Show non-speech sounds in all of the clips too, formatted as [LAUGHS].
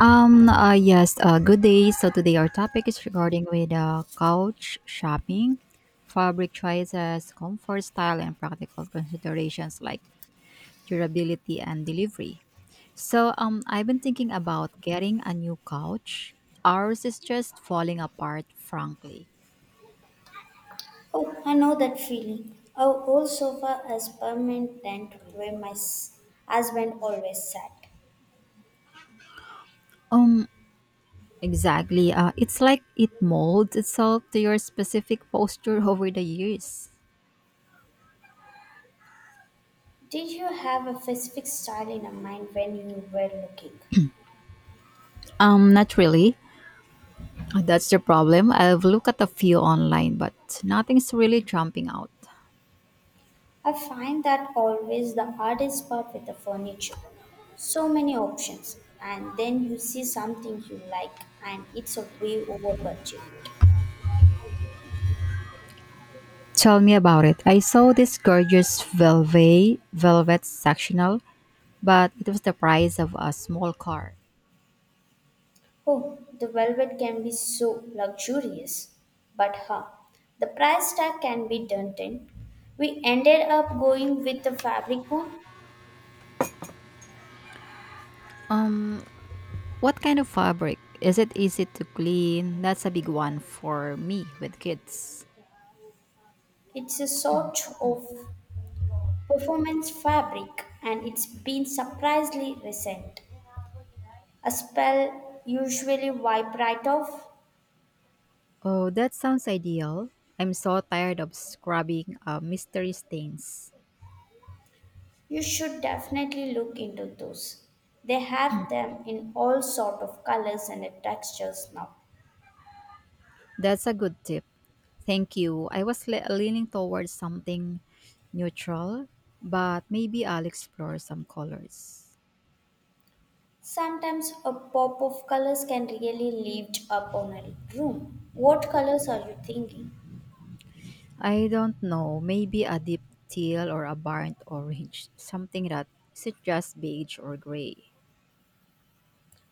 Yes, good day. So today our topic is regarding with couch shopping, fabric choices, comfort, style, and practical considerations like durability and delivery. So I've been thinking about getting a new couch. Ours is just falling apart, frankly. Oh, I know that feeling. Our old sofa is permanent tent where husband always sat. Um, exactly. It's like it molds itself to your specific posture [LAUGHS] over the years. Did you have a specific style in your mind when you were looking? Not really. That's the problem. I've looked at a few online, but nothing's really jumping out. I find that always the hardest part with the furniture. So many options, and then you see something you like, and it's a way over budget. Tell me about it. I saw this gorgeous velvet sectional, but it was the price of a small car. Oh, the velvet can be so luxurious. But the price tag can be daunting. We ended up going with the fabric one. Um, what kind of fabric? Is it easy to clean? That's a big one for me with kids. It's a sort of performance fabric and it's been surprisingly recent. A spell usually wipe right off. Oh, that sounds ideal. I'm so tired of scrubbing mystery stains. You should definitely look into those. They have them in all sort of colors and textures now. That's a good tip. Thank you. I was leaning towards something neutral, but maybe I'll explore some colors. Sometimes a pop of colors can really lift up on a room. What colors are you thinking? I don't know, maybe a deep teal or a burnt orange, something that isn't just beige or gray.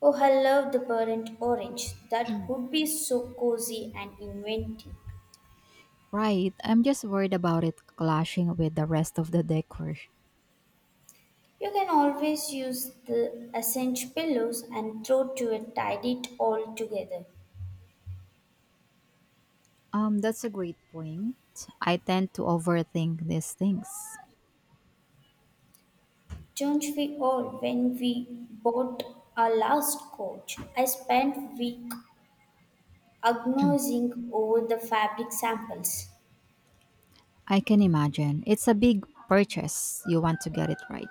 Oh, I love the burnt orange. That would be so cozy and inventive. Right, I'm just worried about it clashing with the rest of the decor. You can always use the ascent pillows and throw to it, tidy it all together. That's a great point. I tend to overthink these things. Don't we all when we bought our last coat? I spent week agonizing over the fabric samples. I can imagine. It's a big purchase. You want to get it right.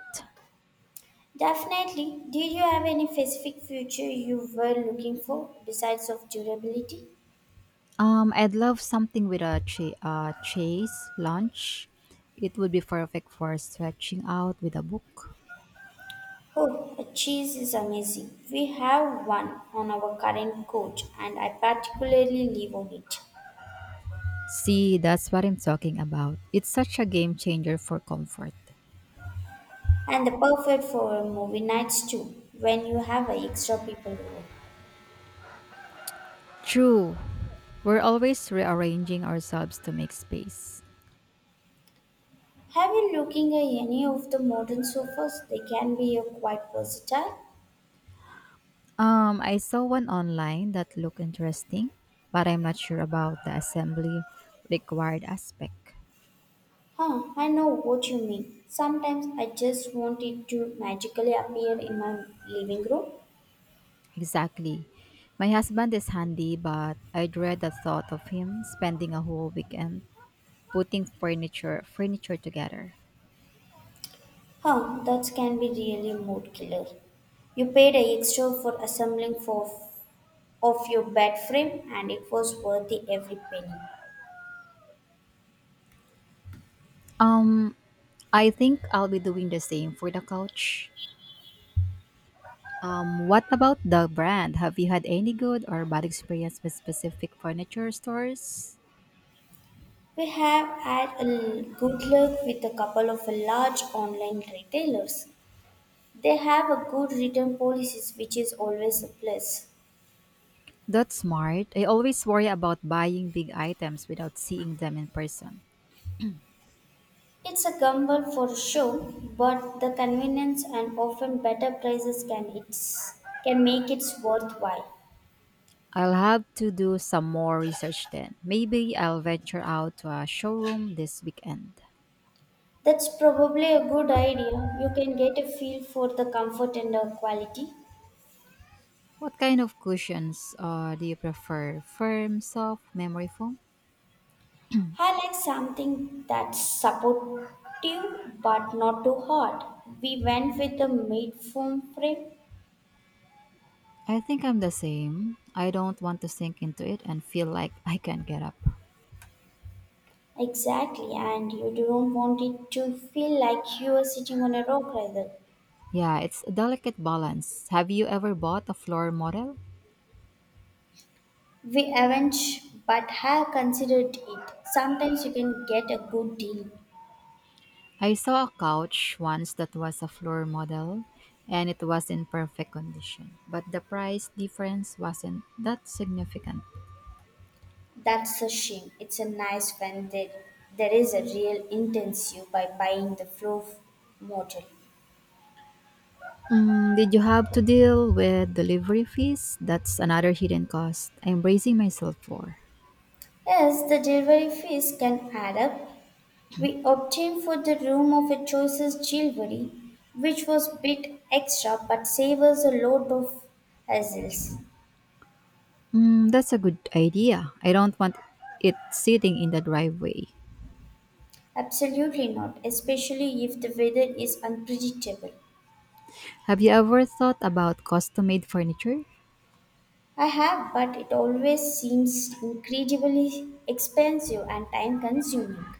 Definitely. Did you have any specific future you were looking for besides of durability? I'd love something with a chase lunch. It would be perfect for stretching out with a book. Oh, the cheese is amazing. We have one on our current coach and I particularly live on it. See, that's what I'm talking about. It's such a game changer for comfort. And the perfect for movie nights too, when you have extra people over. True, we're always rearranging ourselves to make space. Have you looking at any of the modern sofas? They can be quite versatile. I saw one online that looked interesting, but I'm not sure about the assembly required aspect. Huh, I know what you mean. Sometimes I just want it to magically appear in my living room. Exactly. My husband is handy, but I dread the thought of him spending a whole weekend putting furniture together. Huh, that can be really mood killer. You paid a extra for assembling for of your bed frame and it was worth the every penny. Um, I think I'll be doing the same for the couch. What about the brand? Have you had any good or bad experience with specific furniture stores? We have had good luck with a couple of large online retailers. They have a good return policies which is always a plus. That's smart. I always worry about buying big items without seeing them in person. It's a gamble for sure, but the convenience and often better prices can make it worthwhile. I'll have to do some more research then. Maybe I'll venture out to a showroom this weekend. That's probably a good idea. You can get a feel for the comfort and the quality. What kind of cushions do you prefer? Firm, soft, memory foam? I like something that's supportive but not too hard. We went with the made foam frame. I think I'm the same. I don't want to sink into it and feel like I can't get up. Exactly, and you don't want it to feel like you are sitting on a rock either. Yeah, it's a delicate balance. Have you ever bought a floor model? We haven't, but have considered it. Sometimes you can get a good deal. I saw a couch once that was a floor model and it was in perfect condition, but the price difference wasn't that significant. That's a shame. It's a nice there is a real intensive by buying the flow model. Mm, did you have to deal with delivery fees? That's another hidden cost I'm bracing myself for. Yes, the delivery fees can add up. We obtained for the room of a choices jewelry, which was bit extra but save us a lot of hassles. Mm, that's a good idea. I don't want it sitting in the driveway. Absolutely not, especially if the weather is unpredictable. Have you ever thought about custom made furniture? I have, but it always seems incredibly expensive and time consuming.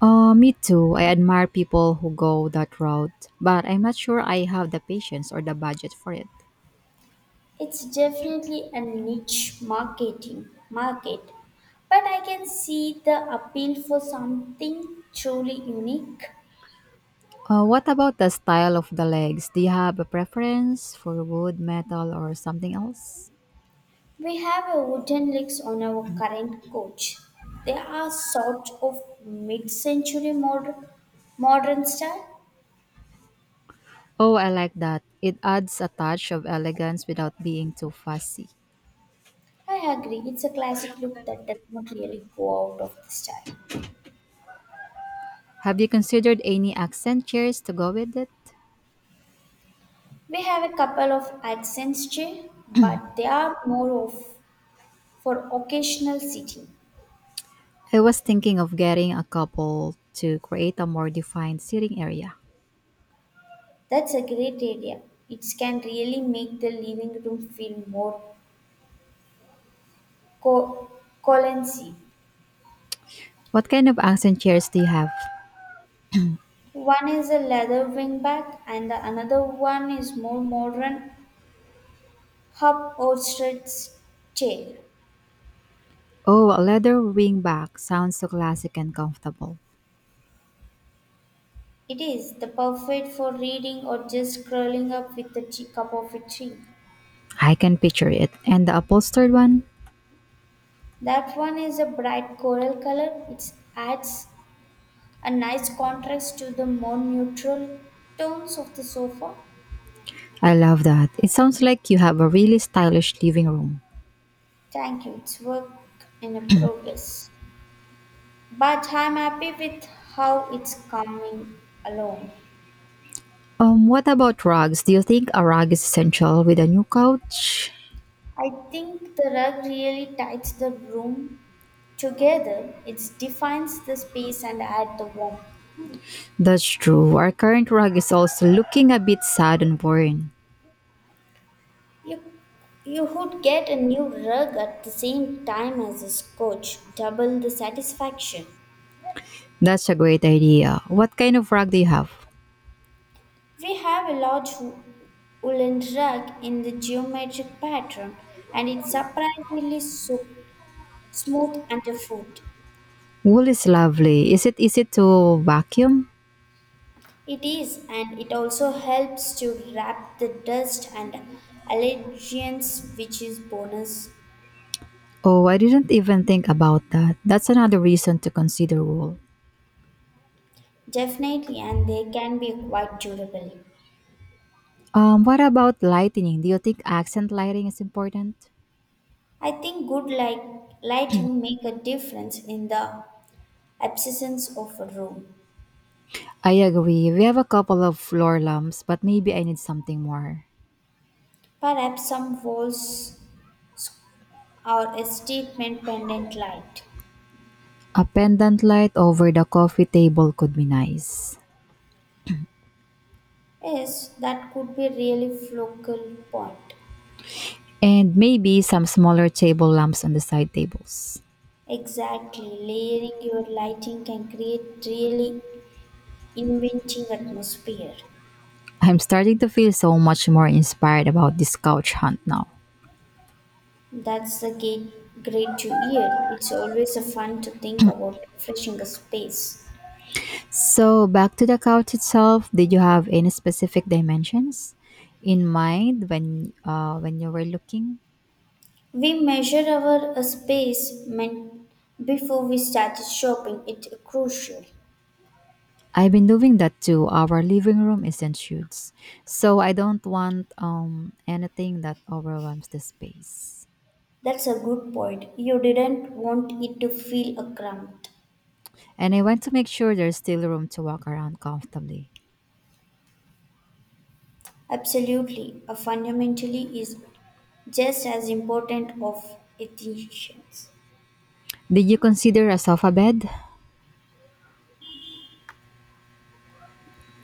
Me too. I admire people who go that route, but I'm not sure I have the patience or the budget for it. It's definitely a niche marketing market, but I can see the appeal for something truly unique. What about the style of the legs? Do you have a preference for wood, metal, or something else? We have a wooden legs on our current coach. They are sort of mid-century modern style. Oh, I like that. It adds a touch of elegance without being too fussy. I agree, it's a classic look that does not really go out of the style. Have you considered any accent chairs to go with it? We have a couple of accents chair, but they are more of for occasional sitting. I was thinking of getting a couple to create a more defined seating area. That's a great idea. It can really make the living room feel more co- cozy. What kind of accent chairs do you have? One is a leather wingback, and the another one is more modern upholstered chair. Oh, a leather wingback sounds so classic and comfortable. It is the perfect for reading or just curling up with a cup of a tea. I can picture it. And the upholstered one? That one is a bright coral color. It adds a nice contrast to the more neutral tones of the sofa. I love that. It sounds like you have a really stylish living room. Thank you. It's work in a progress. But I'm happy with how it's coming along. What about rugs? Do you think a rug is essential with a new couch? I think the rug really ties the room together. It defines the space and adds the warmth. That's true. Our current rug is also looking a bit sad and worn. You, you would get a new rug at the same time as a scotch, double the satisfaction. That's a great idea. What kind of rug do you have? We have a large woolen rug in the geometric pattern, and it's surprisingly so smooth underfoot. Wool is lovely. Is it easy to vacuum? It is, and it also helps to wrap the dust and allegiance, which is bonus. Oh, I didn't even think about that. That's another reason to consider wool. Definitely, and they can be quite durable. What about lighting? Do you think accent lighting is important? I think good lighting make a difference in the absence of a room. I agree. We have a couple of floor lamps, but maybe I need something more. Perhaps some walls or a statement pendant light. A pendant light over the coffee table could be nice. Yes, that could be really focal point. And maybe some smaller table lamps on the side tables. Exactly, layering your lighting can create really Inventing atmosphere. I'm starting to feel so much more inspired about this couch hunt now. That's the great to hear. It's always a fun to think about refreshing a space. So back to the couch itself, did you have any specific dimensions in mind when you were looking? We measure our space before we started shopping. It's crucial. I've been doing that too. Our living room isn't huge, so I don't want anything that overwhelms the space. That's a good point. You didn't want it to feel a cramped. And I want to make sure there's still room to walk around comfortably. Absolutely. A fundamentally is just as important of efficiency. Did you consider a sofa bed?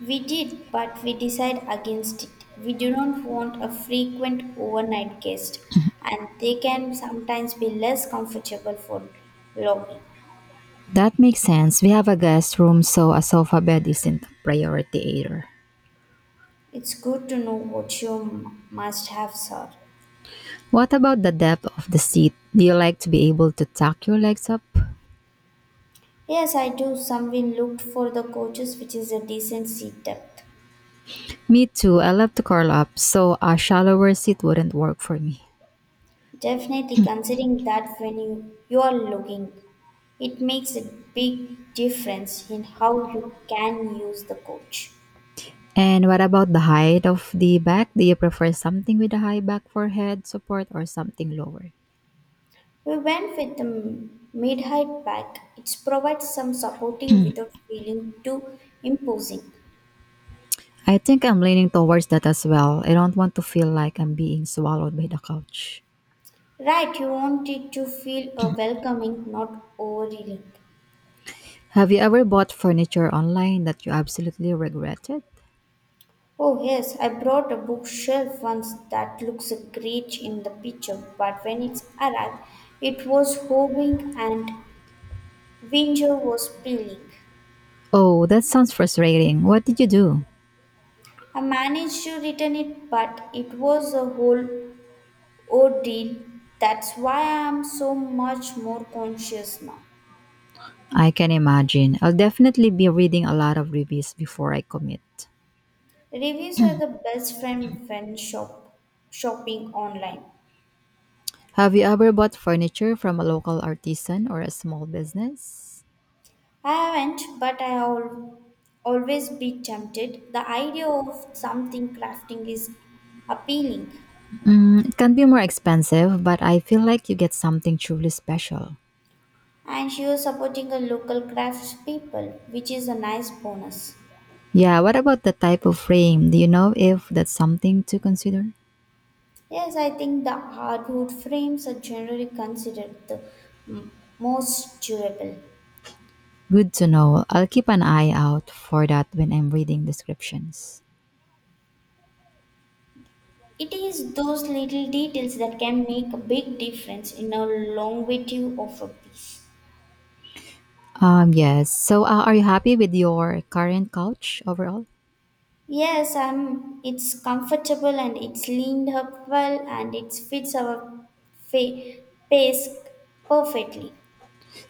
We did, but we decided against it. We do not want a frequent overnight guest, and they can sometimes be less comfortable for logging. That makes sense. We have a guest room, so a sofa bed isn't a priority either. It's good to know what you must have, sir. What about the depth of the seat? Do you like to be able to tuck your legs up? Yes, I do. Someone looked for the coaches, which is a decent seat depth. Me too, I love to curl up, so a shallower seat wouldn't work for me. Definitely considering that when you are looking, it makes a big difference in how you can use the coach. And what about the height of the back? Do you prefer something with a high back for head support or something lower? We went with the mid height pack. It provides some supporting without feeling too imposing. I think I'm leaning towards that as well. I don't want to feel like I'm being swallowed by the couch. Right, you want it to feel a welcoming, not overwhelming. Have you ever bought furniture online that you absolutely regretted? Oh yes, I brought a bookshelf once that looks great in the picture, but when it arrived, it was hovering and winter was peeling. Oh, that sounds frustrating. What did you do? I managed to return it, but it was a whole Oh, deal. That's why I am so much more conscious now. I can imagine. I'll definitely be reading a lot of reviews before I commit. Reviews are the best friend when shopping online. Have you ever bought furniture from a local artisan or a small business? I haven't, but I always be tempted. The idea of something crafting is appealing, Mm, it can be more expensive, but I feel like you get something truly special. and she was supporting a local craft people, which is a nice bonus. Yeah, what about the type of frame? Do you know if that's something to consider? Yes, I think the hardwood frames are generally considered the m- most durable. Good to know. I'll keep an eye out for that when I'm reading descriptions. It is those little details that can make a big difference in a longevity of a piece. Yes. So, are you happy with your current couch overall? Yes, it's comfortable and it's leaned up well and it fits our fa- pace perfectly.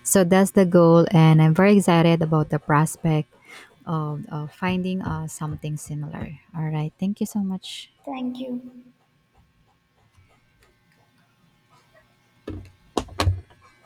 So that's the goal, and I'm very excited about the prospect of finding something similar. All right, thank you so much. Thank you.